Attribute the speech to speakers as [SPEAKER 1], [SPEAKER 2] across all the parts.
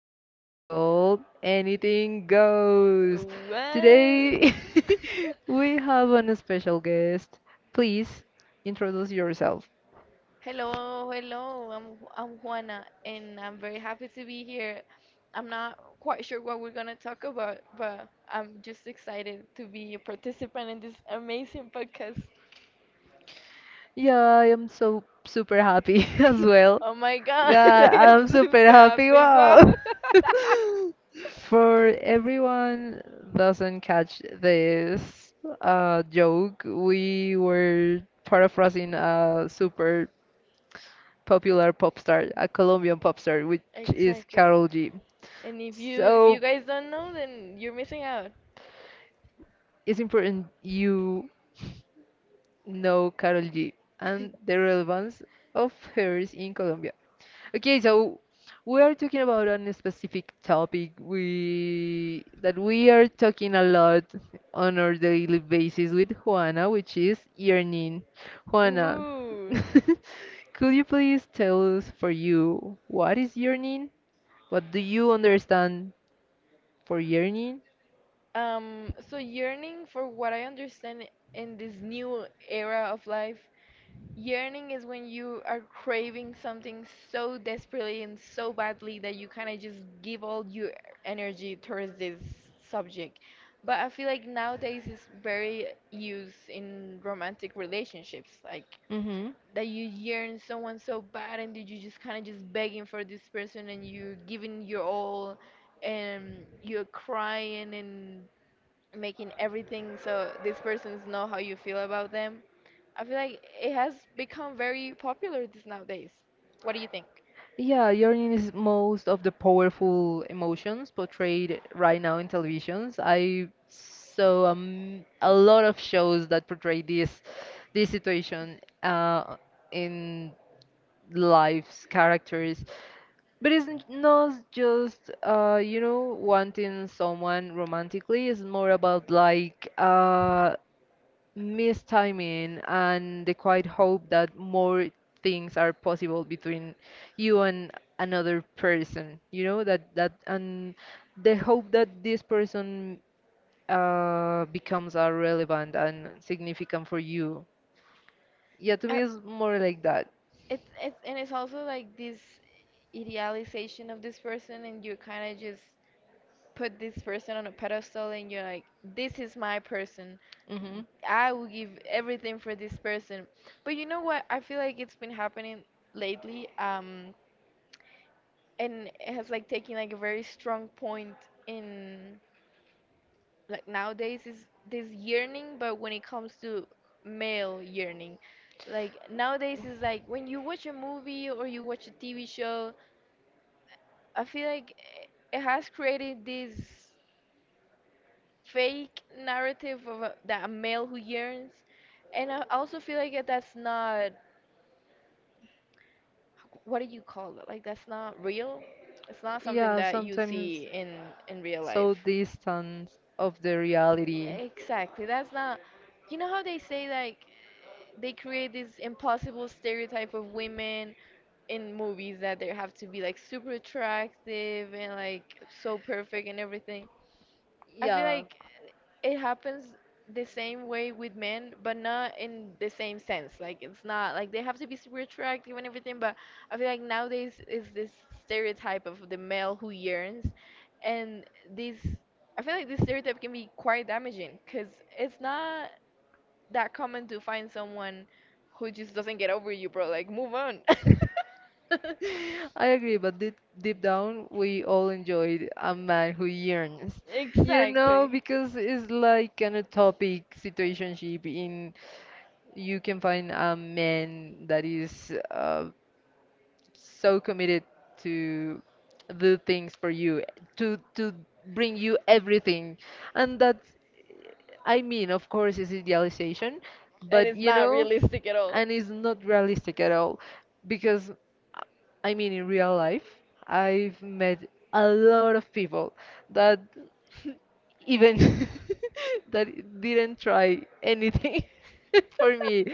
[SPEAKER 1] podcast called Anything Goes.
[SPEAKER 2] Well,
[SPEAKER 1] Today, we have an special guest. Please introduce yourself.
[SPEAKER 2] hello, hello. I'm Juana, and I'm very happy to be here. I'm not quite sure what we're gonna talk about, but I'm just excited to be a participant in this amazing podcast.
[SPEAKER 1] Yeah, I am so super happy as well.
[SPEAKER 2] Oh my
[SPEAKER 1] God,
[SPEAKER 2] God, I
[SPEAKER 1] I'm super
[SPEAKER 2] am
[SPEAKER 1] happy.
[SPEAKER 2] happy. Wow.
[SPEAKER 1] Wow. For everyone doesn't catch this joke, we were paraphrasing a super popular pop star, a Colombian pop star, which is
[SPEAKER 2] Exactly.
[SPEAKER 1] Karol G.
[SPEAKER 2] And if you
[SPEAKER 1] So
[SPEAKER 2] guys don't know, then you're missing out.
[SPEAKER 1] it's important you know Karol G and the relevance of hers in Colombia. Okay, so we are talking about a specific topic we that we are talking a lot on our daily basis with Juana, which is yearning. Juana,
[SPEAKER 2] Ooh.
[SPEAKER 1] could you please tell us for you what is yearning? What do you understand for yearning?
[SPEAKER 2] So yearning, for what I understand in this new era of life, yearning is when you are craving something so desperately and so badly that you kind of just give all your energy towards this subject. But I feel like nowadays it's very used in romantic relationships, like
[SPEAKER 1] Mm-hmm.
[SPEAKER 2] that you yearn someone so bad and that you just kind of just begging for this person and you giving your all and you're crying and making everything so these persons know how you feel about them. I feel like it has become very popular these nowadays. What do you think?
[SPEAKER 1] Yeah, yearning is most of the powerful emotions portrayed right now in televisions. I saw a lot of shows that portray this situation in lives, characters. But it's not just you know wanting someone romantically. It's more about like mistiming and the quiet hope that more things are possible between you and another person, you know, that that and the hope that this person becomes relevant and significant for you. Yeah, to me
[SPEAKER 2] Uh,
[SPEAKER 1] it's more like that.
[SPEAKER 2] it's and it's also like this idealization of this person, and you kind of just put this person on a pedestal, and you're like, this is my person.
[SPEAKER 1] Hmm.
[SPEAKER 2] I will give everything for this person. But you know what? I feel like it's been happening lately, and it has like taken like a very strong point in like nowadays is this yearning, but when it comes to male yearning, like nowadays is like when you watch a movie or you watch a TV show, I feel like it has created this fake narrative of a, that a male who yearns. And I also feel like that's not, what do you call it, like that's not real. It's not something
[SPEAKER 1] Yeah,
[SPEAKER 2] that you
[SPEAKER 1] sometimes
[SPEAKER 2] see in real
[SPEAKER 1] so
[SPEAKER 2] life.
[SPEAKER 1] distant of the reality.
[SPEAKER 2] Exactly. That's not. You know how they say like they create this impossible stereotype of women in movies that they have to be like super attractive and like so perfect and everything. I feel
[SPEAKER 1] Yeah.
[SPEAKER 2] like it happens the same way with men, but not in the same sense. Like it's not like they have to be super attractive and everything, but I feel like nowadays is this stereotype of the male who yearns, and this, I feel like this stereotype can be quite damaging because it's not that common to find someone who just doesn't get over you, bro. Like, move on.
[SPEAKER 1] I agree, but deep, deep down, we all enjoyed a man who yearns, you know,
[SPEAKER 2] Exactly.
[SPEAKER 1] because it's like an utopic situationship. In you can find a man that is so committed to do things for you, to bring you everything, and that's, I mean, of course, it's idealization,
[SPEAKER 2] And
[SPEAKER 1] but
[SPEAKER 2] it's
[SPEAKER 1] you
[SPEAKER 2] not
[SPEAKER 1] know,
[SPEAKER 2] realistic at all.
[SPEAKER 1] and it's not realistic at all because uh, I mean, in real life, I've met a lot of people that even that didn't try anything for me.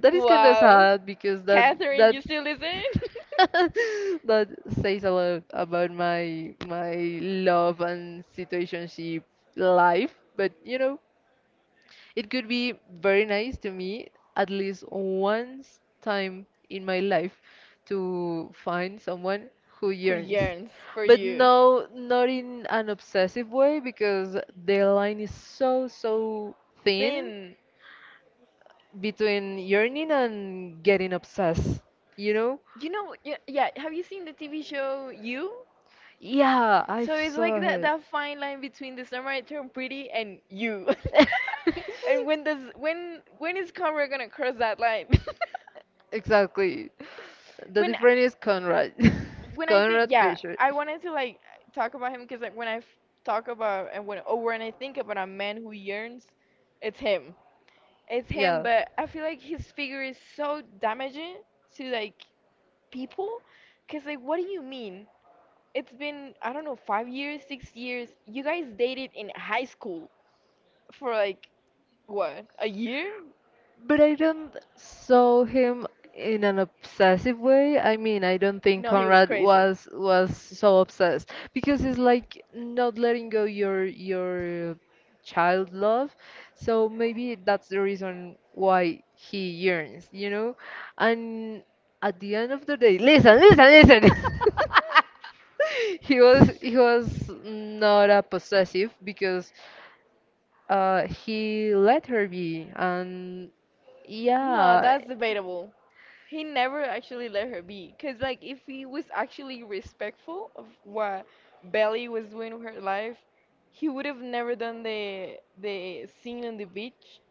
[SPEAKER 1] That is kind of
[SPEAKER 2] Wow.
[SPEAKER 1] sad because that
[SPEAKER 2] Catherine,
[SPEAKER 1] that
[SPEAKER 2] you still listen?
[SPEAKER 1] that says a lot about my love and situationship life. But you know, it could be very nice to me at least once time in my life to find someone who
[SPEAKER 2] Who
[SPEAKER 1] yearns.
[SPEAKER 2] yearns for
[SPEAKER 1] But
[SPEAKER 2] you.
[SPEAKER 1] no, not in an obsessive way because the line is so thin
[SPEAKER 2] Thin.
[SPEAKER 1] between yearning and getting obsessed. You know?
[SPEAKER 2] You know, yeah, yeah, have you seen the TV show You?
[SPEAKER 1] Yeah,
[SPEAKER 2] So
[SPEAKER 1] I've
[SPEAKER 2] it's like
[SPEAKER 1] saw
[SPEAKER 2] that
[SPEAKER 1] it.
[SPEAKER 2] that fine line between the Samurai Turn Pretty and You. And when does when is Conrad gonna cross that line?
[SPEAKER 1] Exactly. The
[SPEAKER 2] When
[SPEAKER 1] difference is Conrad.
[SPEAKER 2] when I think,
[SPEAKER 1] Conrad
[SPEAKER 2] yeah,
[SPEAKER 1] Fisher.
[SPEAKER 2] I wanted to like talk about him because like when talk about and when or when I think about a man who yearns, it's him. It's him,
[SPEAKER 1] Yeah.
[SPEAKER 2] but I feel like his figure is so damaging to like people, because like what do you mean? It's been, I don't know, 5 years, 6 years. You guys dated in high school for like, what, a year?
[SPEAKER 1] But I don't saw him in an obsessive way. I mean, I don't think
[SPEAKER 2] No, he was
[SPEAKER 1] Conrad
[SPEAKER 2] crazy.
[SPEAKER 1] was was so obsessed because it's like not letting go your child love. So maybe that's the reason why he yearns, you know? And at the end of the day, listen, listen, listen. He was not a possessive because he let her be and
[SPEAKER 2] No, yeah,
[SPEAKER 1] yeah.
[SPEAKER 2] that's debatable. He never actually let her be. Because, like, if he was actually respectful of what Belly was doing with her life, he would have never done the scene on the beach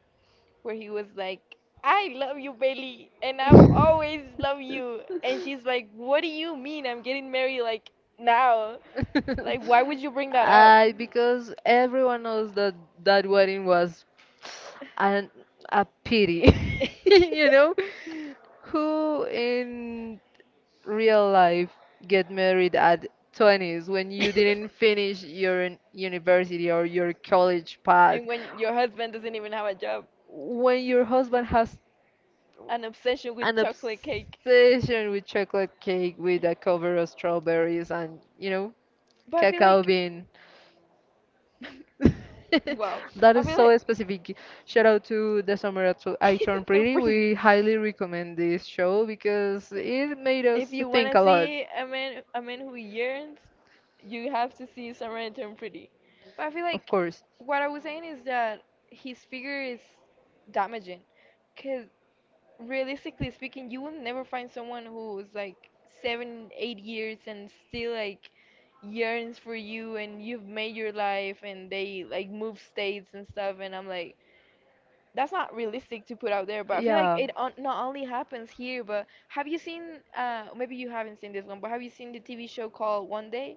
[SPEAKER 2] where he was like, I love you, Bailey, and I've always loved you. And she's like, what do you mean I'm getting married like now? Like, why would you bring that up?
[SPEAKER 1] I because everyone knows that that wedding was an a pity, you know, who in real life get married at 20s when you didn't finish your university or your college path,
[SPEAKER 2] And when your husband doesn't even have a job,
[SPEAKER 1] when your husband has
[SPEAKER 2] an obsession with
[SPEAKER 1] an
[SPEAKER 2] chocolate cake.
[SPEAKER 1] obsession with chocolate cake with a cover of strawberries and, you know,
[SPEAKER 2] But I feel
[SPEAKER 1] cacao
[SPEAKER 2] like,
[SPEAKER 1] bean.
[SPEAKER 2] wow,
[SPEAKER 1] That
[SPEAKER 2] I
[SPEAKER 1] is
[SPEAKER 2] feel like
[SPEAKER 1] so specific. Shout out to the summer I I turned
[SPEAKER 2] they're
[SPEAKER 1] pretty.
[SPEAKER 2] pretty.
[SPEAKER 1] We highly recommend this show because it made us
[SPEAKER 2] If you
[SPEAKER 1] think
[SPEAKER 2] wanna
[SPEAKER 1] a lot.
[SPEAKER 2] see a man who yearns, you have to see Samara Turn Pretty. But I feel
[SPEAKER 1] Of
[SPEAKER 2] like
[SPEAKER 1] course.
[SPEAKER 2] what I was saying is that his figure is damaging. Because realistically speaking, you will never find someone who's like seven, 8 years and still like yearns for you and you've made your life and they like move states and stuff. And I'm like, that's not realistic to put out there, but I feel like
[SPEAKER 1] Yeah.
[SPEAKER 2] it on, not only happens here, but have you seen, maybe you haven't seen this one, but have you seen the TV show called One Day?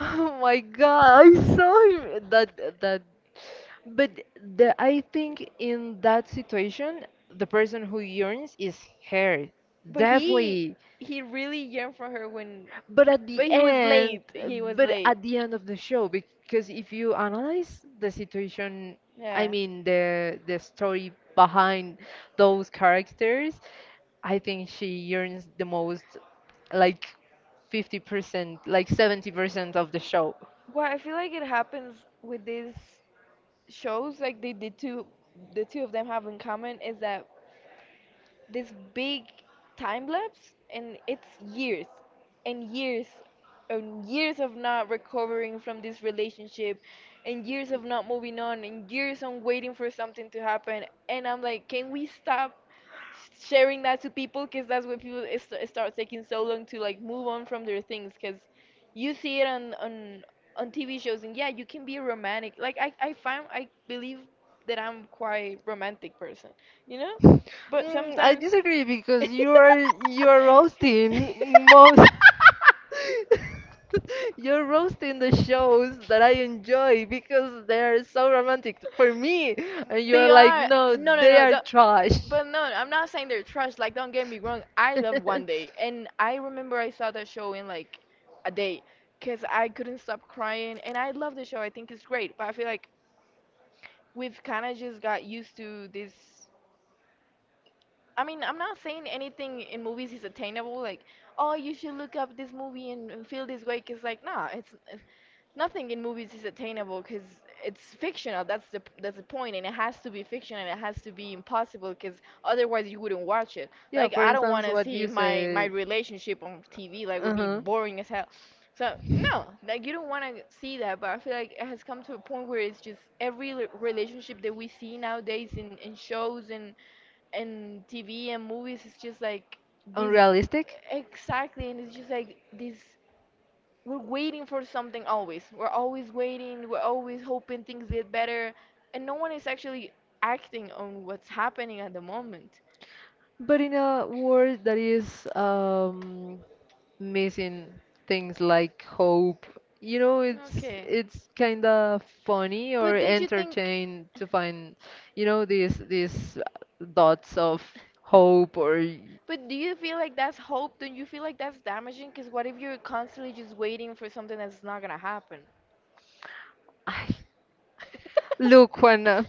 [SPEAKER 1] Oh my God, I saw him. That. But the, I think in that situation, the person who yearns is her.
[SPEAKER 2] But
[SPEAKER 1] Definitely.
[SPEAKER 2] he really yearned for her when,
[SPEAKER 1] But at the
[SPEAKER 2] but he was
[SPEAKER 1] end,
[SPEAKER 2] late. He was
[SPEAKER 1] but
[SPEAKER 2] late.
[SPEAKER 1] at the end of the show, because if you analyze the situation, I
[SPEAKER 2] Yeah.
[SPEAKER 1] mean the story behind those characters, I think she earns the most, like 50%, like 70% of the show.
[SPEAKER 2] Well, I feel like it happens with these shows. Like they, the two of them have in common is that this big time lapse, and it's years and years and years of not recovering from this relationship and years of not moving on and years on waiting for something to happen. And I'm like, can we stop sharing that to people? Because that's what people, it start taking so long to like move on from their things because you see it on on TV shows. And yeah, you can be romantic, like I find, I believe that I'm quite romantic person, you know, but
[SPEAKER 1] Mm, I
[SPEAKER 2] sometimes
[SPEAKER 1] disagree because you are roasting most. You're roasting the shows that I enjoy because they're so romantic for me, and
[SPEAKER 2] they
[SPEAKER 1] you're like,
[SPEAKER 2] are,
[SPEAKER 1] no,
[SPEAKER 2] no no
[SPEAKER 1] they
[SPEAKER 2] no
[SPEAKER 1] are
[SPEAKER 2] the,
[SPEAKER 1] trash.
[SPEAKER 2] but no, I'm not saying they're trash, like don't get me wrong. I love One Day, and I remember I saw that show in like a day because I couldn't stop crying, and I love the show, I think it's great. But I feel like we've kind of just got used to this. I mean, I'm not saying anything in movies is attainable, like oh you should look up this movie and feel this way, because like nah, it's nothing in movies is attainable because it's fictional. That's the point, and it has to be fiction and it has to be impossible because otherwise you wouldn't watch it.
[SPEAKER 1] Yeah,
[SPEAKER 2] Like
[SPEAKER 1] for
[SPEAKER 2] I don't want
[SPEAKER 1] instance,
[SPEAKER 2] to
[SPEAKER 1] what
[SPEAKER 2] see
[SPEAKER 1] you
[SPEAKER 2] my my
[SPEAKER 1] say,
[SPEAKER 2] relationship on TV. Like it would be
[SPEAKER 1] uh-huh,
[SPEAKER 2] boring as hell. So no, like you don't want to see that. But I feel like it has come to a point where it's just every relationship that we see nowadays in shows and TV and movies is just like this,
[SPEAKER 1] unrealistic.
[SPEAKER 2] exactly, and it's just like this, we're waiting for something always. We're always waiting. We're always hoping things get better, and no one is actually acting on what's happening at the moment.
[SPEAKER 1] But in a world that is missing things like hope, you know,
[SPEAKER 2] Okay,
[SPEAKER 1] it's kind of funny or
[SPEAKER 2] but don't you think?
[SPEAKER 1] entertaining to find, you know, these dots of hope or
[SPEAKER 2] But do you feel like that's hope? Don't you feel like that's damaging? Because what if you're constantly just waiting for something that's not gonna happen?
[SPEAKER 1] I, look, Juana,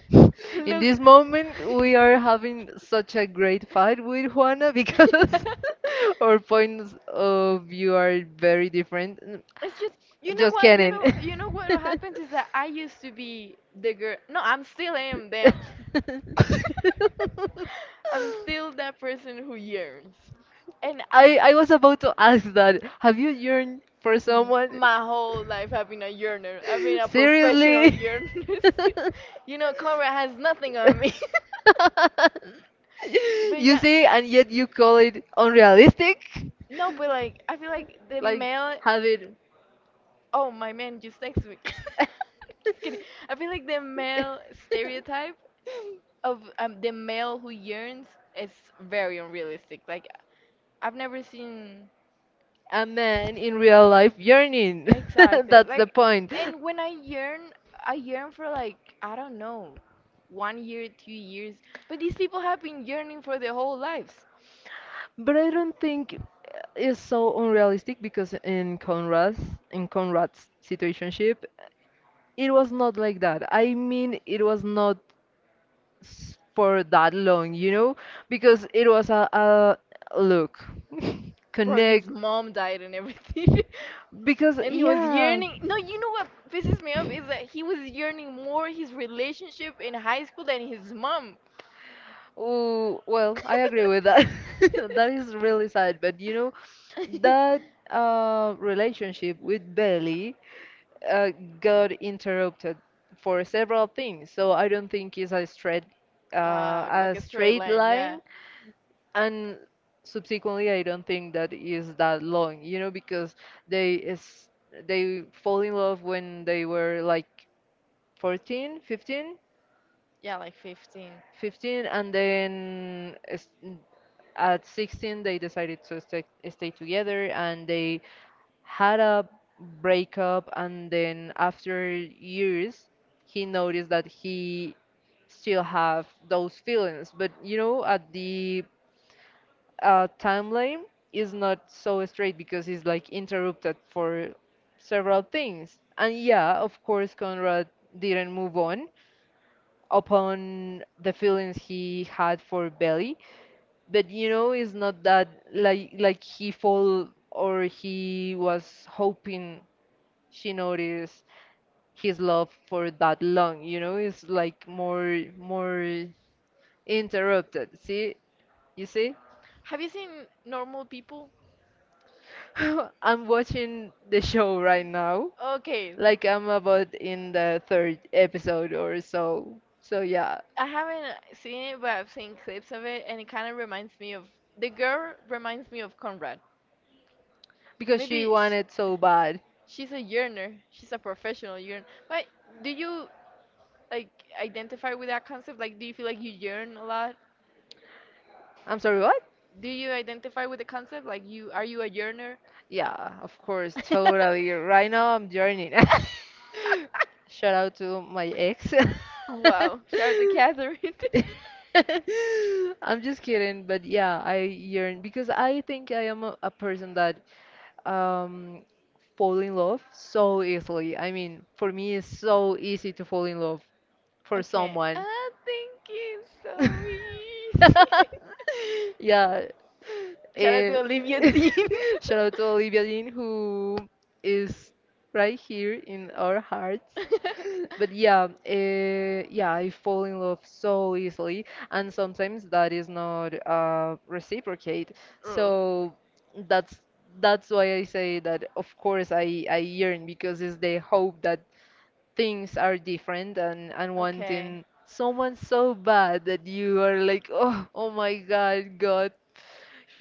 [SPEAKER 1] in
[SPEAKER 2] Look.
[SPEAKER 1] this moment we are having such a great fight with Juana because our points of view are very different.
[SPEAKER 2] It's just, you know
[SPEAKER 1] Just
[SPEAKER 2] what, you
[SPEAKER 1] kidding.
[SPEAKER 2] know, you know what happens is that I used to be the girl. No, I'm still am. Damn, I'm still that person who yearns, and I,
[SPEAKER 1] I was about to ask that. Have you yearned for someone?
[SPEAKER 2] my whole life I've been a yearner. I've been a professional
[SPEAKER 1] Seriously?
[SPEAKER 2] yearner. You know, Conrad has nothing on me. But
[SPEAKER 1] You
[SPEAKER 2] yeah,
[SPEAKER 1] see, and yet you call it unrealistic?
[SPEAKER 2] no, but like I feel like the
[SPEAKER 1] Like,
[SPEAKER 2] male.
[SPEAKER 1] have it.
[SPEAKER 2] Oh, my man just texted me. Just kidding. I feel like the male stereotype of the male who yearns is very unrealistic. Like I've never seen,
[SPEAKER 1] A man in real life yearning.
[SPEAKER 2] exactly
[SPEAKER 1] That's the
[SPEAKER 2] like,
[SPEAKER 1] point.
[SPEAKER 2] and when I yearn for like I don't know, one year, 2 years. But these people have been yearning for their whole lives.
[SPEAKER 1] But I don't think it's so unrealistic because in Conrad's situationship, it was not like that. I mean, it was not for that long, you know, because it was a look,
[SPEAKER 2] Bro, his
[SPEAKER 1] connect.
[SPEAKER 2] mom died and everything.
[SPEAKER 1] Because,
[SPEAKER 2] And he was
[SPEAKER 1] yeah.
[SPEAKER 2] yearning. No, you know what pisses me off is that he was yearning more his relationship in high school than his mom.
[SPEAKER 1] Oh, well, I agree with that. That is really sad, but you know, that relationship with Belly uh, got interrupted for several things. So I don't think it's a
[SPEAKER 2] Like a straight
[SPEAKER 1] straight
[SPEAKER 2] line, yeah.
[SPEAKER 1] line, and subsequently I don't think that is that long, you know, because they is they fall in love when they were like 14, fifteen,
[SPEAKER 2] Yeah, like 15.
[SPEAKER 1] fifteen, and then at 16 they decided to stay together, and they had a breakup, and then after years he noticed that he still have those feelings, but you know, at the timeline is not so straight because it's like interrupted for several things. And yeah, of course, Conrad didn't move on upon the feelings he had for Belly, but you know, it's not that like he fall or he was hoping she noticed his love for that long. You know, it's like more interrupted. See, you see,
[SPEAKER 2] Have you seen Normal People?
[SPEAKER 1] I'm watching the show right now
[SPEAKER 2] Okay,
[SPEAKER 1] like I'm about in the third episode or so. So yeah,
[SPEAKER 2] I haven't seen it, but I've seen clips of it, and it kind of reminds me of the girl reminds me of Conrad.
[SPEAKER 1] because she
[SPEAKER 2] Maybe sh,
[SPEAKER 1] wanted so bad.
[SPEAKER 2] she's a yearner, she's a professional yearner. But do you like identify with that concept? Like, do you feel like you yearn a lot?
[SPEAKER 1] I'm sorry, what?
[SPEAKER 2] Do you identify with the concept? Like, you are, you a yearner?
[SPEAKER 1] Yeah, of course, totally. Right now I'm joining. Shout out to my ex.
[SPEAKER 2] Wow, shout to Catherine.
[SPEAKER 1] I'm just kidding, but yeah, I yearn because I think I am a person that um fall in love so easily. I mean, for me it's so easy to fall in love for
[SPEAKER 2] Okay.
[SPEAKER 1] someone.
[SPEAKER 2] I think it's so easy.
[SPEAKER 1] Yeah.
[SPEAKER 2] Shout out
[SPEAKER 1] Uh,
[SPEAKER 2] to Olivia Dean.
[SPEAKER 1] shout out to Olivia Dean, who is right here in our hearts. But yeah, yeah, I fall in love so easily, and sometimes that is not reciprocate.
[SPEAKER 2] Mm.
[SPEAKER 1] So that's that's why I say that of course I yearn because it's the hope that things are different, and
[SPEAKER 2] Okay.
[SPEAKER 1] wanting someone so bad that you are like, oh, oh my God, God,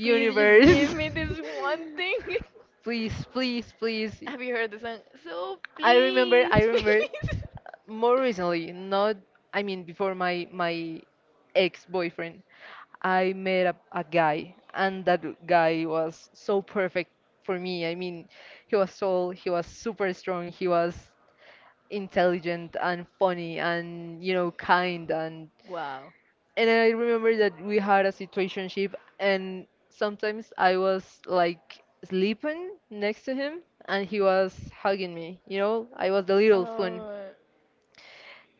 [SPEAKER 2] Please just give me this one thing.
[SPEAKER 1] Please, please, please.
[SPEAKER 2] Have you heard the song? So
[SPEAKER 1] I remember,
[SPEAKER 2] please,
[SPEAKER 1] I remember
[SPEAKER 2] please.
[SPEAKER 1] more recently, not, I mean, before my ex-boyfriend, I met a guy, and that guy was so perfect for me. I mean, he was tall, he was super strong, he was intelligent and funny and, you know, kind,
[SPEAKER 2] Wow.
[SPEAKER 1] and I remember that we had a situationship, and sometimes I was like sleeping next to him and he was hugging me, you know? I was the little spoon.
[SPEAKER 2] Oh.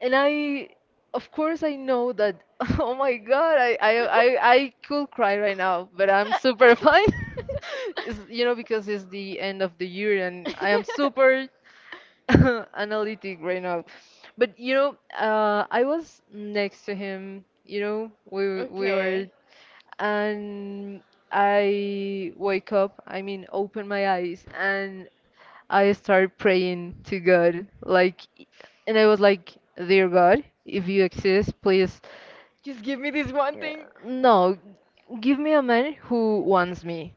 [SPEAKER 1] And I, of course I know that, oh my god, I could cry right now, but I'm super fine. It's- you know because it's the end of the year and I am super analytic right now. But you know, I was next to him. You know, we were,
[SPEAKER 2] Okay.
[SPEAKER 1] and I wake up. I mean, open my eyes, and I started praying to God. Like, and I was like, "Dear God, if you exist, please."
[SPEAKER 2] Just give me this one thing.
[SPEAKER 1] No, give me a man who wants me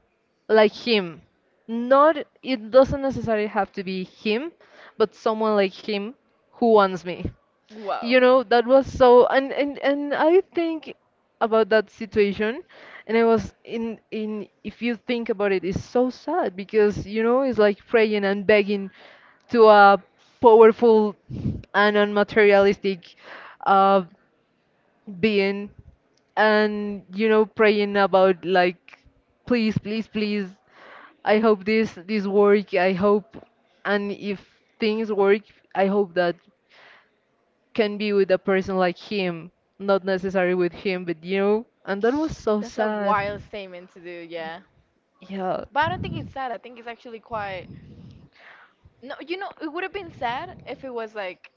[SPEAKER 1] like him. Not it doesn't necessarily have to be him, but someone like him who wants me.
[SPEAKER 2] Wow.
[SPEAKER 1] You know, that was so, and I think about that situation and I was in if you think about it, it's so sad because you know, it's like praying and begging to a powerful and unmaterialistic uh being, and you know praying about like please please please, I hope this work, I hope, and if things work, I hope that can be with a person like him, not necessarily with him, but you know, and that was so
[SPEAKER 2] That's a
[SPEAKER 1] sad.
[SPEAKER 2] wild statement to do, yeah.
[SPEAKER 1] Yeah.
[SPEAKER 2] But I don't think it's sad. I think it's actually quite. No, you know, it would have been sad if it was like,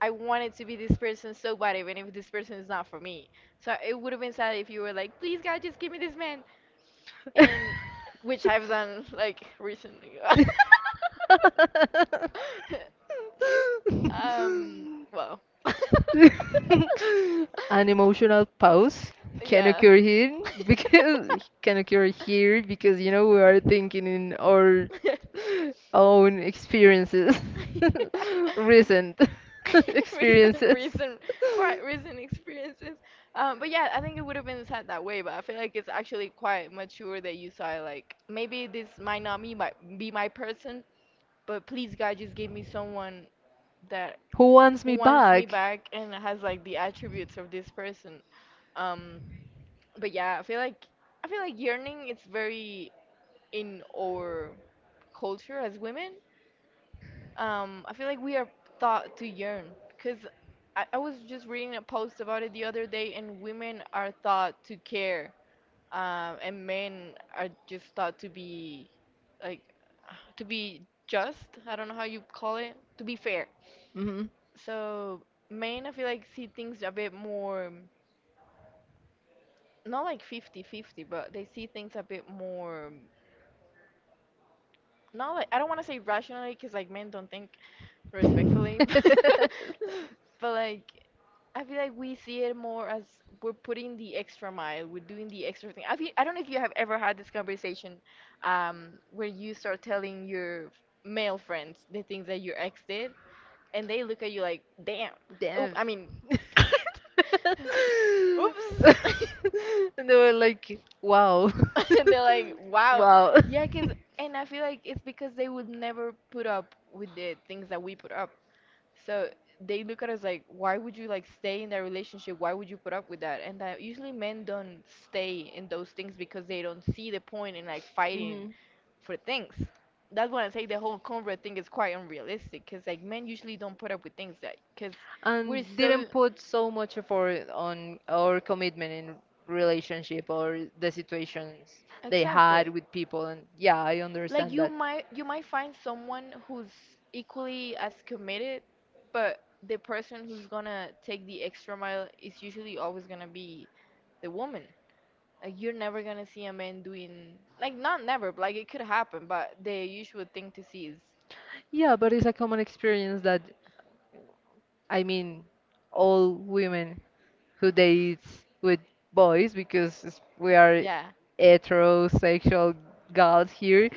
[SPEAKER 2] I wanted to be this person so bad, even if this person is not for me. So it would have been sad if you were like, please, God, just give me this man. And which I've done like recently.
[SPEAKER 1] Yes.
[SPEAKER 2] Um, well.
[SPEAKER 1] An emotional pause can
[SPEAKER 2] Yeah.
[SPEAKER 1] occur here because you know we are thinking in our own experiences, recent
[SPEAKER 2] Recent,
[SPEAKER 1] experiences.
[SPEAKER 2] recent, quite recent experiences. But yeah, I think it would have been sad that way. But I feel like it's actually quite mature that you saw it, like maybe this might not be my person, but please God, just give me someone that
[SPEAKER 1] Who wants
[SPEAKER 2] who
[SPEAKER 1] me
[SPEAKER 2] wants me
[SPEAKER 1] back?
[SPEAKER 2] back and has like the attributes of this person. Um, but yeah, I feel like yearning it's very in our culture as women. I feel like we are taught to yearn because I was just reading a post about it the other day, and women are taught to care, and men are just taught to be like to be just. I don't know how you call it, to be fair.
[SPEAKER 1] Hmm.
[SPEAKER 2] So men, I feel like, see things a bit more, not like 50 50, but they see things a bit more, not like, I don't want to say rationally because like men don't think, respectfully, but like I feel like we see it more as we're putting the extra mile, we're doing the extra thing. I feel, I don't know if you have ever had this conversation, where you start telling your male friends the things that your ex did, and they look at you like, damn, oop,
[SPEAKER 1] Damn.
[SPEAKER 2] I mean, oops.
[SPEAKER 1] And they were like, wow.
[SPEAKER 2] And they're like, wow.
[SPEAKER 1] Wow.
[SPEAKER 2] Yeah, cause, and I feel like it's because they would never put up with the things that we put up. So they look at us like, why would you like stay in that relationship? Why would you put up with that? And that usually men don't stay in those things because they don't see the point in like fighting
[SPEAKER 1] Hmm.
[SPEAKER 2] for things. That's why I say the whole convert thing is quite unrealistic because like men usually don't put up with things that because we're
[SPEAKER 1] And
[SPEAKER 2] so
[SPEAKER 1] didn't put so much effort on our commitment in relationship or the situations they had
[SPEAKER 2] exactly
[SPEAKER 1] with people. And yeah, I
[SPEAKER 2] like
[SPEAKER 1] understand
[SPEAKER 2] you
[SPEAKER 1] that.
[SPEAKER 2] might you might find someone who's equally as committed, but the person who's gonna take the extra mile is usually always gonna be the woman. Like you're never gonna see a man doing, like not never but like it could happen, but the usual thing to see is
[SPEAKER 1] Yeah, but it's a common experience that I mean, all women who dates with boys because it's- we are
[SPEAKER 2] yeah
[SPEAKER 1] heterosexual gods here.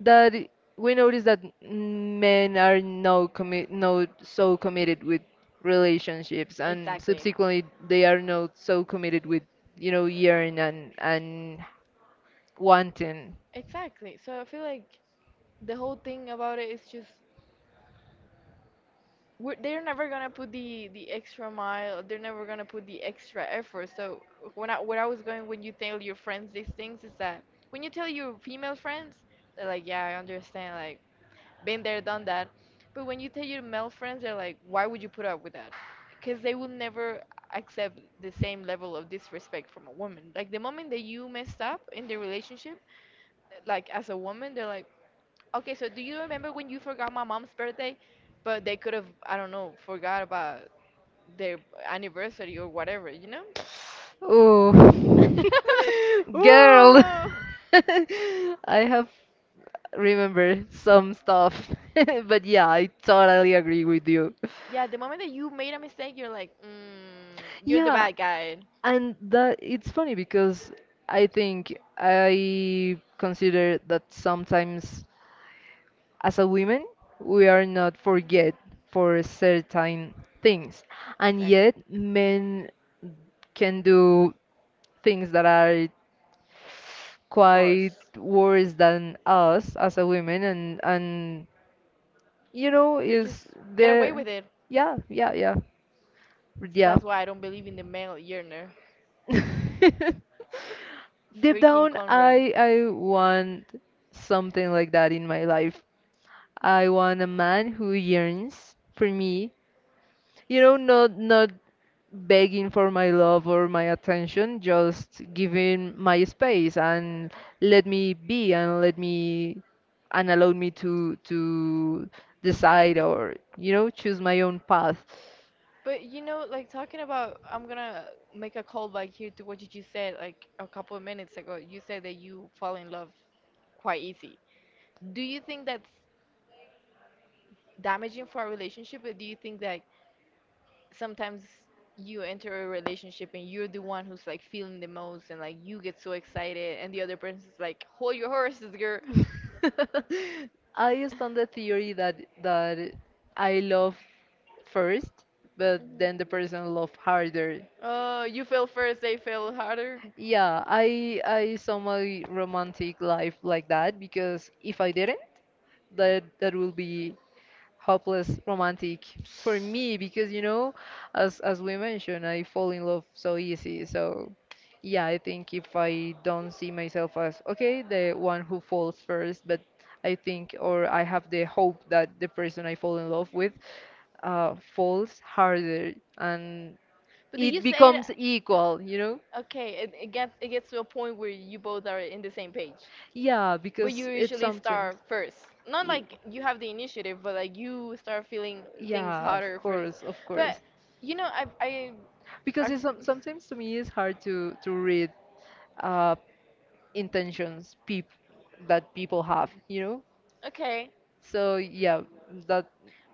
[SPEAKER 1] That we notice that men are no commit, no so committed with relationships, and
[SPEAKER 2] exactly.
[SPEAKER 1] subsequently they are not so committed with, you know, yearn and wanting.
[SPEAKER 2] Exactly, so I feel like the whole thing about it is just they're never gonna put the extra mile. They're never gonna put the extra effort. So when I where I was going when you tell your friends these things is that when you tell your female friends, they're like, yeah, I understand, like been there, done that. But when you tell your male friends, they're like, why would you put up with that? Because they will never accept the same level of disrespect from a woman. Like the moment that you messed up in the relationship, like as a woman, they're like, okay, so do you remember when you forgot my mom's birthday? But they could have, I don't know, forgot about their anniversary or whatever, you know?
[SPEAKER 1] Oh, girl,
[SPEAKER 2] Ooh.
[SPEAKER 1] I have remember some stuff. But yeah, I totally agree with you.
[SPEAKER 2] Yeah, the moment that you made a mistake, you're like, you're the
[SPEAKER 1] Yeah,
[SPEAKER 2] bad guy.
[SPEAKER 1] and that it's funny because I think I consider that sometimes as a woman, we are not forget for certain things, and
[SPEAKER 2] Exactly.
[SPEAKER 1] yet men can do things that are
[SPEAKER 2] Of
[SPEAKER 1] quite
[SPEAKER 2] course.
[SPEAKER 1] worse than us as a women and you know,
[SPEAKER 2] They just
[SPEAKER 1] is
[SPEAKER 2] get away
[SPEAKER 1] there.
[SPEAKER 2] with it.
[SPEAKER 1] Yeah, yeah, yeah, yeah.
[SPEAKER 2] That's why I don't believe in the male yearner.
[SPEAKER 1] Deep
[SPEAKER 2] Freaking
[SPEAKER 1] down,
[SPEAKER 2] Conrad.
[SPEAKER 1] I want something like that in my life. I want a man who yearns for me, you know, not begging for my love or my attention, just giving my space and let me be and let me and allow me to decide or you know choose my own path.
[SPEAKER 2] But you know, like talking about, I'm gonna make a call back here to what you just said like a couple of minutes ago. You said that you fall in love quite easy. Do you think that's damaging for a relationship, or do you think that sometimes you enter a relationship and you're the one who's like feeling the most and like you get so excited and the other person's like, hold your horses, girl.
[SPEAKER 1] I stand the theory that I love first, but
[SPEAKER 2] Mhm.
[SPEAKER 1] then the person love harder.
[SPEAKER 2] Oh, you fell first, they fell harder.
[SPEAKER 1] Yeah, I saw my romantic life like that because if I didn't, that will be hopeless romantic for me because you know as we mentioned I fall in love so easy so yeah I think if I don't see myself as okay the one who falls first but I think or I have the hope that the person I fall in love with falls harder and
[SPEAKER 2] But did
[SPEAKER 1] it
[SPEAKER 2] you say that?
[SPEAKER 1] becomes equal, you know.
[SPEAKER 2] Okay, it gets, it gets to a point where you both are in the same page.
[SPEAKER 1] Yeah,
[SPEAKER 2] But you
[SPEAKER 1] because it's
[SPEAKER 2] usually
[SPEAKER 1] something.
[SPEAKER 2] start first. Not
[SPEAKER 1] Y-
[SPEAKER 2] like you have the initiative, but like you start feeling things
[SPEAKER 1] yeah, of
[SPEAKER 2] hotter first.
[SPEAKER 1] course, of
[SPEAKER 2] But
[SPEAKER 1] course,
[SPEAKER 2] you know, I
[SPEAKER 1] because it's, sometimes to me it's hard to read uh, intentions peop that people have, you know.
[SPEAKER 2] okay.
[SPEAKER 1] So yeah, that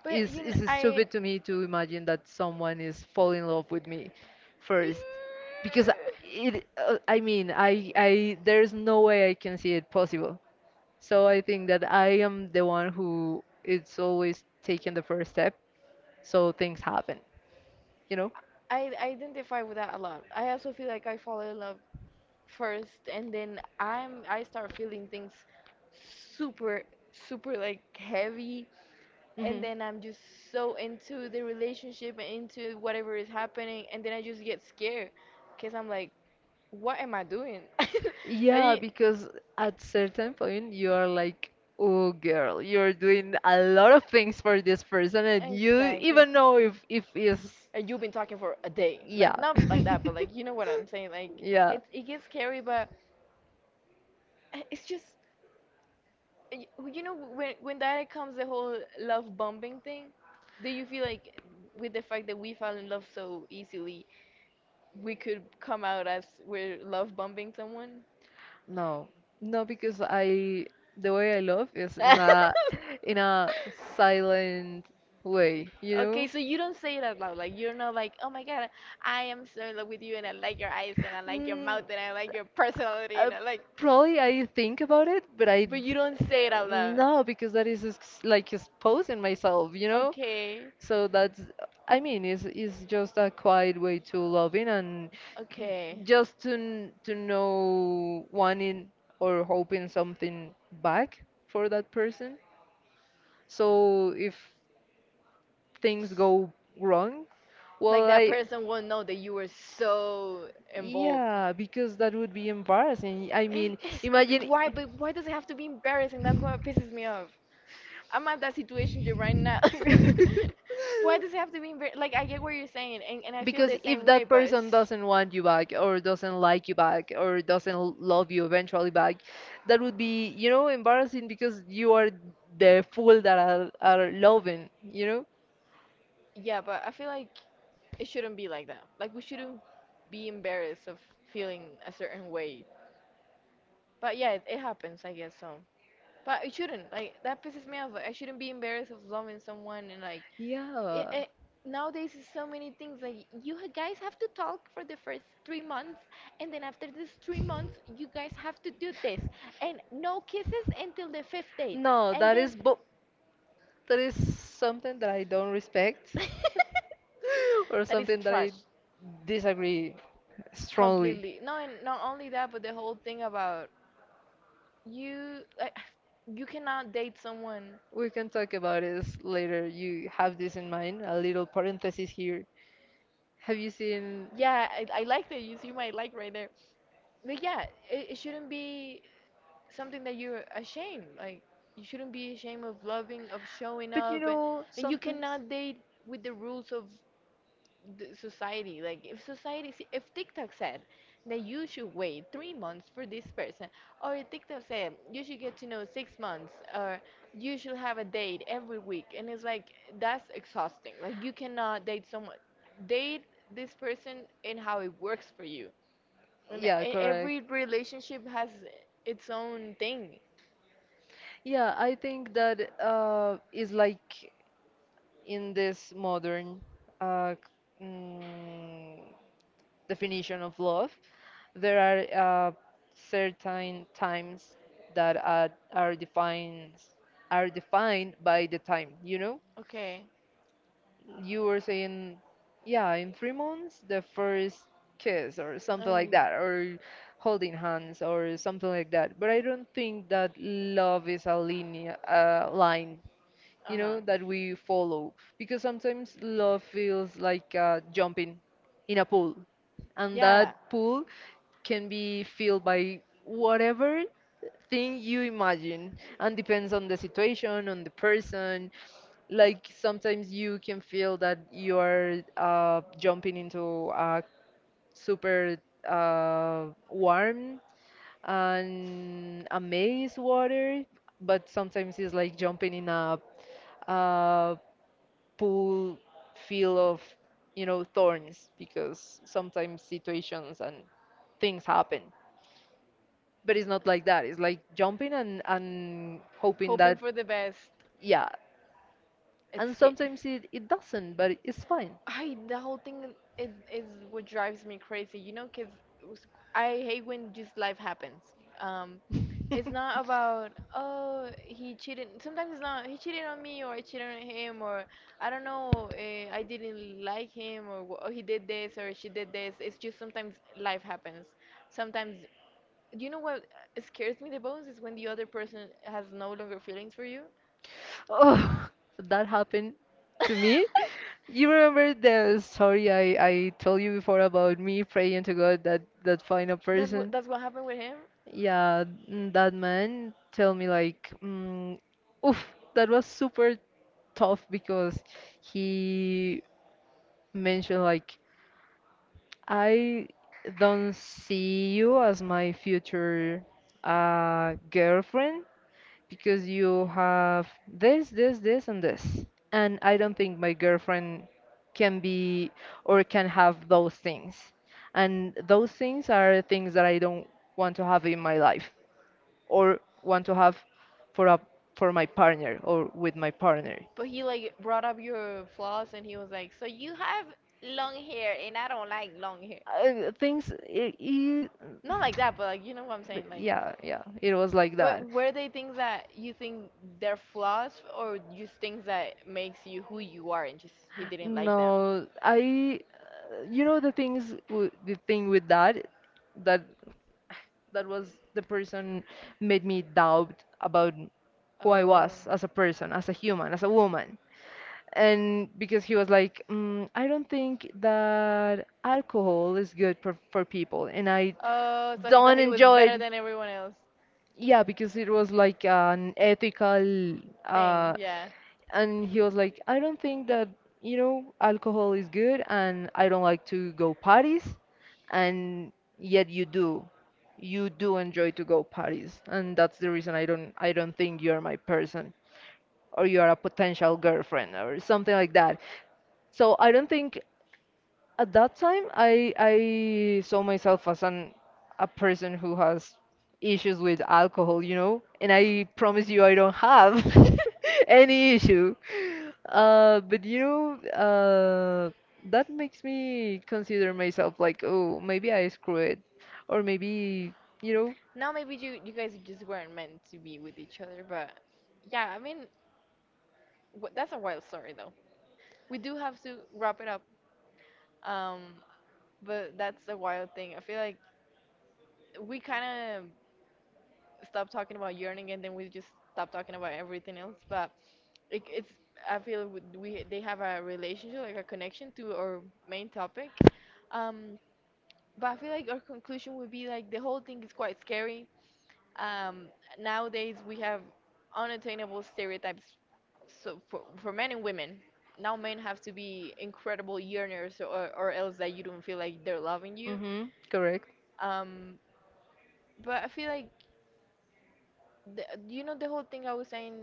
[SPEAKER 2] But
[SPEAKER 1] is
[SPEAKER 2] you know,
[SPEAKER 1] is
[SPEAKER 2] I
[SPEAKER 1] stupid to me to imagine that someone is fall in love with me first, because it. I mean, I there's no way I can see it possible. So I think that I am the one who it's always taking the first step, so things happen, you know.
[SPEAKER 2] I I identify with that a lot. I also feel like I fall in love first, and then i start feeling things super super like heavy, and
[SPEAKER 1] Mm-hmm.
[SPEAKER 2] then I'm just so into the relationship and into whatever is happening, and then I just get scared because I'm like, what am I doing?
[SPEAKER 1] Yeah, because at certain point you are like, oh girl, you're doing a lot of things for this person and
[SPEAKER 2] Like,
[SPEAKER 1] you
[SPEAKER 2] exactly,
[SPEAKER 1] even know if is
[SPEAKER 2] and you've been talking for a day,
[SPEAKER 1] yeah.
[SPEAKER 2] like not like that but like you know what I'm saying, like
[SPEAKER 1] Yeah.
[SPEAKER 2] it gets scary but it's just Y- you know, when that comes the whole love bombing thing, do you feel like with the fact that we fell in love so easily, we could come out as we're love bombing someone?
[SPEAKER 1] No. No, because I the way I love is in a silent way, you
[SPEAKER 2] Okay,
[SPEAKER 1] know?
[SPEAKER 2] so you don't say it out loud. Like you're not like, oh my god, I am so in love with you, and I like your eyes, and I like your
[SPEAKER 1] Mm.
[SPEAKER 2] mouth, and I like your personality, and
[SPEAKER 1] Uh,
[SPEAKER 2] I like.
[SPEAKER 1] Probably I think about it, but I
[SPEAKER 2] But you don't say it out loud.
[SPEAKER 1] no, because that is like exposing myself, you know.
[SPEAKER 2] Okay,
[SPEAKER 1] So that's, I mean, it's just a quiet way to loving and
[SPEAKER 2] okay.
[SPEAKER 1] just to know wanting or hoping something back for that person. So if things go wrong,
[SPEAKER 2] Like
[SPEAKER 1] well
[SPEAKER 2] that
[SPEAKER 1] I
[SPEAKER 2] person won't know that you were so involved.
[SPEAKER 1] yeah, because that would be embarrassing. I
[SPEAKER 2] Eh,
[SPEAKER 1] mean
[SPEAKER 2] it's-
[SPEAKER 1] imagine.
[SPEAKER 2] why? But why does it have to be embarrassing? That's what pisses me off. I'm at that situation right now. Why does it have to be embarrassing? Like I get what you're saying, and I feel
[SPEAKER 1] Because
[SPEAKER 2] the
[SPEAKER 1] if
[SPEAKER 2] same way.
[SPEAKER 1] that
[SPEAKER 2] But
[SPEAKER 1] person
[SPEAKER 2] it's-
[SPEAKER 1] doesn't want you back, or doesn't like you back, or doesn't love you eventually back, that would be, you know, embarrassing because you are the fool that are loving, you know?
[SPEAKER 2] yeah, but I feel like it shouldn't be like that. Like we shouldn't be embarrassed of feeling a certain way. But yeah, it happens, I guess so. But it shouldn't. Like that pisses me off. Like, I shouldn't be embarrassed of loving someone and like i-
[SPEAKER 1] Yeah.
[SPEAKER 2] i- nowadays is so many things like guys have to talk for the first 3 months, and then after this 3 months you guys have to do this, and no kisses until the fifth date,
[SPEAKER 1] No,
[SPEAKER 2] and
[SPEAKER 1] that
[SPEAKER 2] then
[SPEAKER 1] is bo that is something that I don't respect, or
[SPEAKER 2] that is
[SPEAKER 1] something that
[SPEAKER 2] trash
[SPEAKER 1] I disagree strongly.
[SPEAKER 2] completely. No, and not only that but the whole thing about you I you cannot date someone
[SPEAKER 1] We can talk about this later. You have this in mind. A little parenthesis here. Have you seen?
[SPEAKER 2] yeah I like that you see my like right there but yeah it shouldn't be something that you're ashamed. Like you shouldn't be ashamed of loving, of showing
[SPEAKER 1] But you
[SPEAKER 2] up,
[SPEAKER 1] know,
[SPEAKER 2] and you
[SPEAKER 1] sometimes.
[SPEAKER 2] cannot date with the rules of the society. Like if society, see, if TikTok said that you should wait 3 months for this person, or if TikTok said you should get to know 6 months, or you should have a date every week, and it's like that's exhausting. Like you cannot date someone, date this person in how it works for you. And
[SPEAKER 1] Yeah, correct.
[SPEAKER 2] every relationship has its own thing.
[SPEAKER 1] Yeah, I think that is like in this modern uh, c- mm, definition of love, there are certain times that are, are defined by the time, you know?
[SPEAKER 2] Okay.
[SPEAKER 1] You were saying, yeah, in 3 months, the first kiss or something like
[SPEAKER 2] Ay.
[SPEAKER 1] that, or holding hands or something like that. But I don't think that love is a linear line, you
[SPEAKER 2] Ajá.
[SPEAKER 1] know, that we follow because sometimes love feels like jumping in a pool, and
[SPEAKER 2] Yeah.
[SPEAKER 1] that pool can be filled by whatever thing you imagine and depends on the situation on the person like sometimes you can feel that you are jumping into a super warm and amaze water, but sometimes it's like jumping in a pool feel of, you know, thorns because sometimes situations and things happen. But it's not like that. It's like jumping and hoping
[SPEAKER 2] Hoping
[SPEAKER 1] that
[SPEAKER 2] for the best.
[SPEAKER 1] yeah.
[SPEAKER 2] It's
[SPEAKER 1] And
[SPEAKER 2] scary.
[SPEAKER 1] sometimes it, it doesn't, but it's fine.
[SPEAKER 2] I, the whole thing is what drives me crazy, you know, cause I hate when just life happens. Um, it's not about, oh, he cheated. Sometimes it's not he cheated on me or I cheated on him or I don't know I didn't like him, or, or he did this or she did this. It's just sometimes life happens. Sometimes, you know what scares me the most is when the other person has no longer feelings for you.
[SPEAKER 1] Oh, that happened to me. You remember the story I told you before about me praying to God that that find a person?
[SPEAKER 2] That's what happened with him.
[SPEAKER 1] Yeah, mm, that man tell me like, mm, oof, that was super tough because he mentioned like I don't see you as my future girlfriend because you have this, this, this, and this. And I don't think my girlfriend can be or can have those things. And those things are things that I don't want to have in my life or want to have for a for my partner or with my partner.
[SPEAKER 2] But he like brought up your flaws, and he was like, so you have long hair and I don't like long hair.
[SPEAKER 1] Things I
[SPEAKER 2] Not like that, but like you know what I'm
[SPEAKER 1] But
[SPEAKER 2] saying, like
[SPEAKER 1] yeah, yeah, it was like that.
[SPEAKER 2] but were they things that you think they're flaws, or just things that makes you who you are and just he didn't like them?
[SPEAKER 1] No, I, you know, the things, the thing with that, that, that was the person made me doubt about who I
[SPEAKER 2] Oh.
[SPEAKER 1] was as a person, as a human, as a woman. And because he was like, mm, I don't think that alcohol is good for people, and I
[SPEAKER 2] Oh, so he thought
[SPEAKER 1] don't
[SPEAKER 2] he was
[SPEAKER 1] enjoy
[SPEAKER 2] better
[SPEAKER 1] it.
[SPEAKER 2] than everyone else.
[SPEAKER 1] Yeah, because it was like an ethical,
[SPEAKER 2] Dang,
[SPEAKER 1] uh,
[SPEAKER 2] yeah.
[SPEAKER 1] and he was like, I don't think that, you know, alcohol is good and I don't like to go parties, and yet you do. You do enjoy to go parties, and that's the reason I don't think you're my person or you're a potential girlfriend or something like that. So I don't think at that time, I saw myself as an a person who has issues with alcohol, you know, and I promise you I don't have any issue. But you know, that makes me consider myself like, oh, maybe I screw it, or maybe, you know,
[SPEAKER 2] Now maybe you guys just weren't meant to be with each other, but yeah, I mean, that's a wild story, though. We do have to wrap it up. Um, but that's a wild thing. I feel like we kind of stopped talking about yearning, and then we just stopped talking about everything else. But it, it's I feel we they have a relationship, like a connection to our main topic. Um, but I feel like our conclusion would be like the whole thing is quite scary. Um, nowadays, we have unattainable stereotypes, so for men and women. Now men have to be incredible yearners, or else that you don't feel like they're loving you.
[SPEAKER 1] hmm, correct.
[SPEAKER 2] Um, but I feel like, the, you know, the whole thing I was saying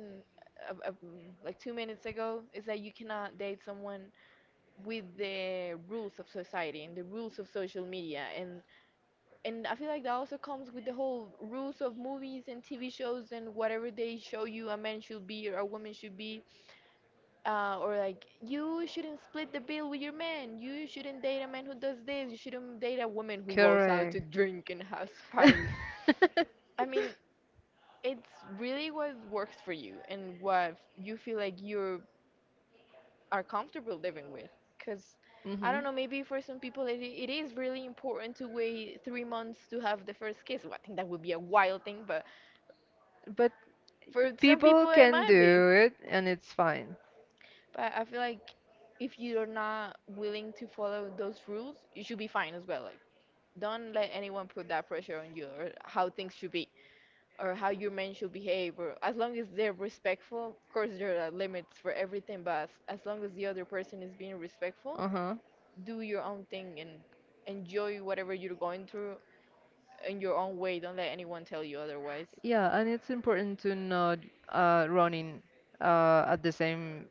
[SPEAKER 2] like 2 minutes ago is that you cannot date someone with the rules of society and the rules of social media, and I feel like that also comes with the whole rules of movies and TV shows and whatever they show you a man should be or a woman should be, or like you shouldn't split the bill with your man. You shouldn't date a man who does this. You shouldn't date a woman who goes out to
[SPEAKER 1] Correct.
[SPEAKER 2] drink and has parties. I mean, it's really what works for you and what you feel like you are comfortable living with. Cause I
[SPEAKER 1] Hmm.
[SPEAKER 2] don't know, maybe for some people it is really important to wait 3 months to have the first kiss. Well, I think that would be a wild thing, but
[SPEAKER 1] But
[SPEAKER 2] for some
[SPEAKER 1] people
[SPEAKER 2] people, it
[SPEAKER 1] can
[SPEAKER 2] might be.
[SPEAKER 1] do it and it's fine.
[SPEAKER 2] But I feel like if you're not willing to follow those rules, you should be fine as well. Like, don't let anyone put that pressure on you, or how things should be or how your men should behave. Or as long as they're respectful, of course, there are limits for everything, but as long as the other person is being respectful,
[SPEAKER 1] Uh-huh.
[SPEAKER 2] do your own thing and enjoy whatever you're going through in your own way. Don't let anyone tell you otherwise.
[SPEAKER 1] Yeah, and it's important to not running at the same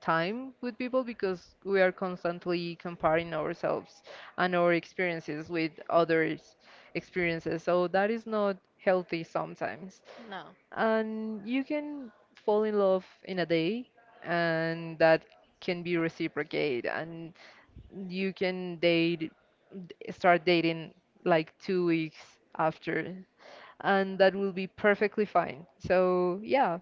[SPEAKER 1] time with people because we are constantly comparing ourselves and our experiences with others' experiences. So that is not healthy sometimes.
[SPEAKER 2] No.
[SPEAKER 1] And you can fall in love in a day, and that can be reciprocated, and you can date, start dating like 2 weeks after, and that will be perfectly fine. So, yeah,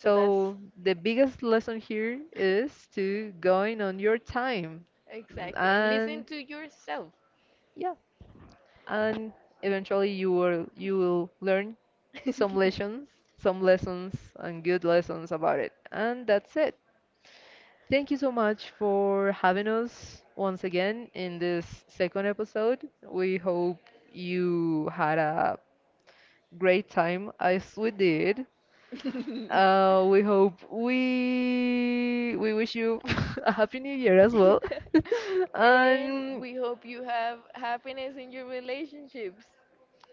[SPEAKER 2] So that's
[SPEAKER 1] the biggest lesson here is to going on your time
[SPEAKER 2] exactly. And listen
[SPEAKER 1] and
[SPEAKER 2] to yourself.
[SPEAKER 1] yeah and eventually you will learn some lessons some lessons and good lessons about it and that's it. Thank you so much for having us once again in this second episode. We hope you had a great time as we did. We hope we wish you a happy new year as well.
[SPEAKER 2] And
[SPEAKER 1] And
[SPEAKER 2] we hope you have happiness in your relationships.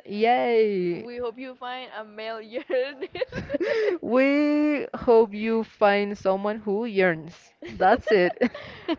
[SPEAKER 1] yay.
[SPEAKER 2] We hope you find a male yearning.
[SPEAKER 1] We hope you find someone who yearns. That's it.
[SPEAKER 2] That's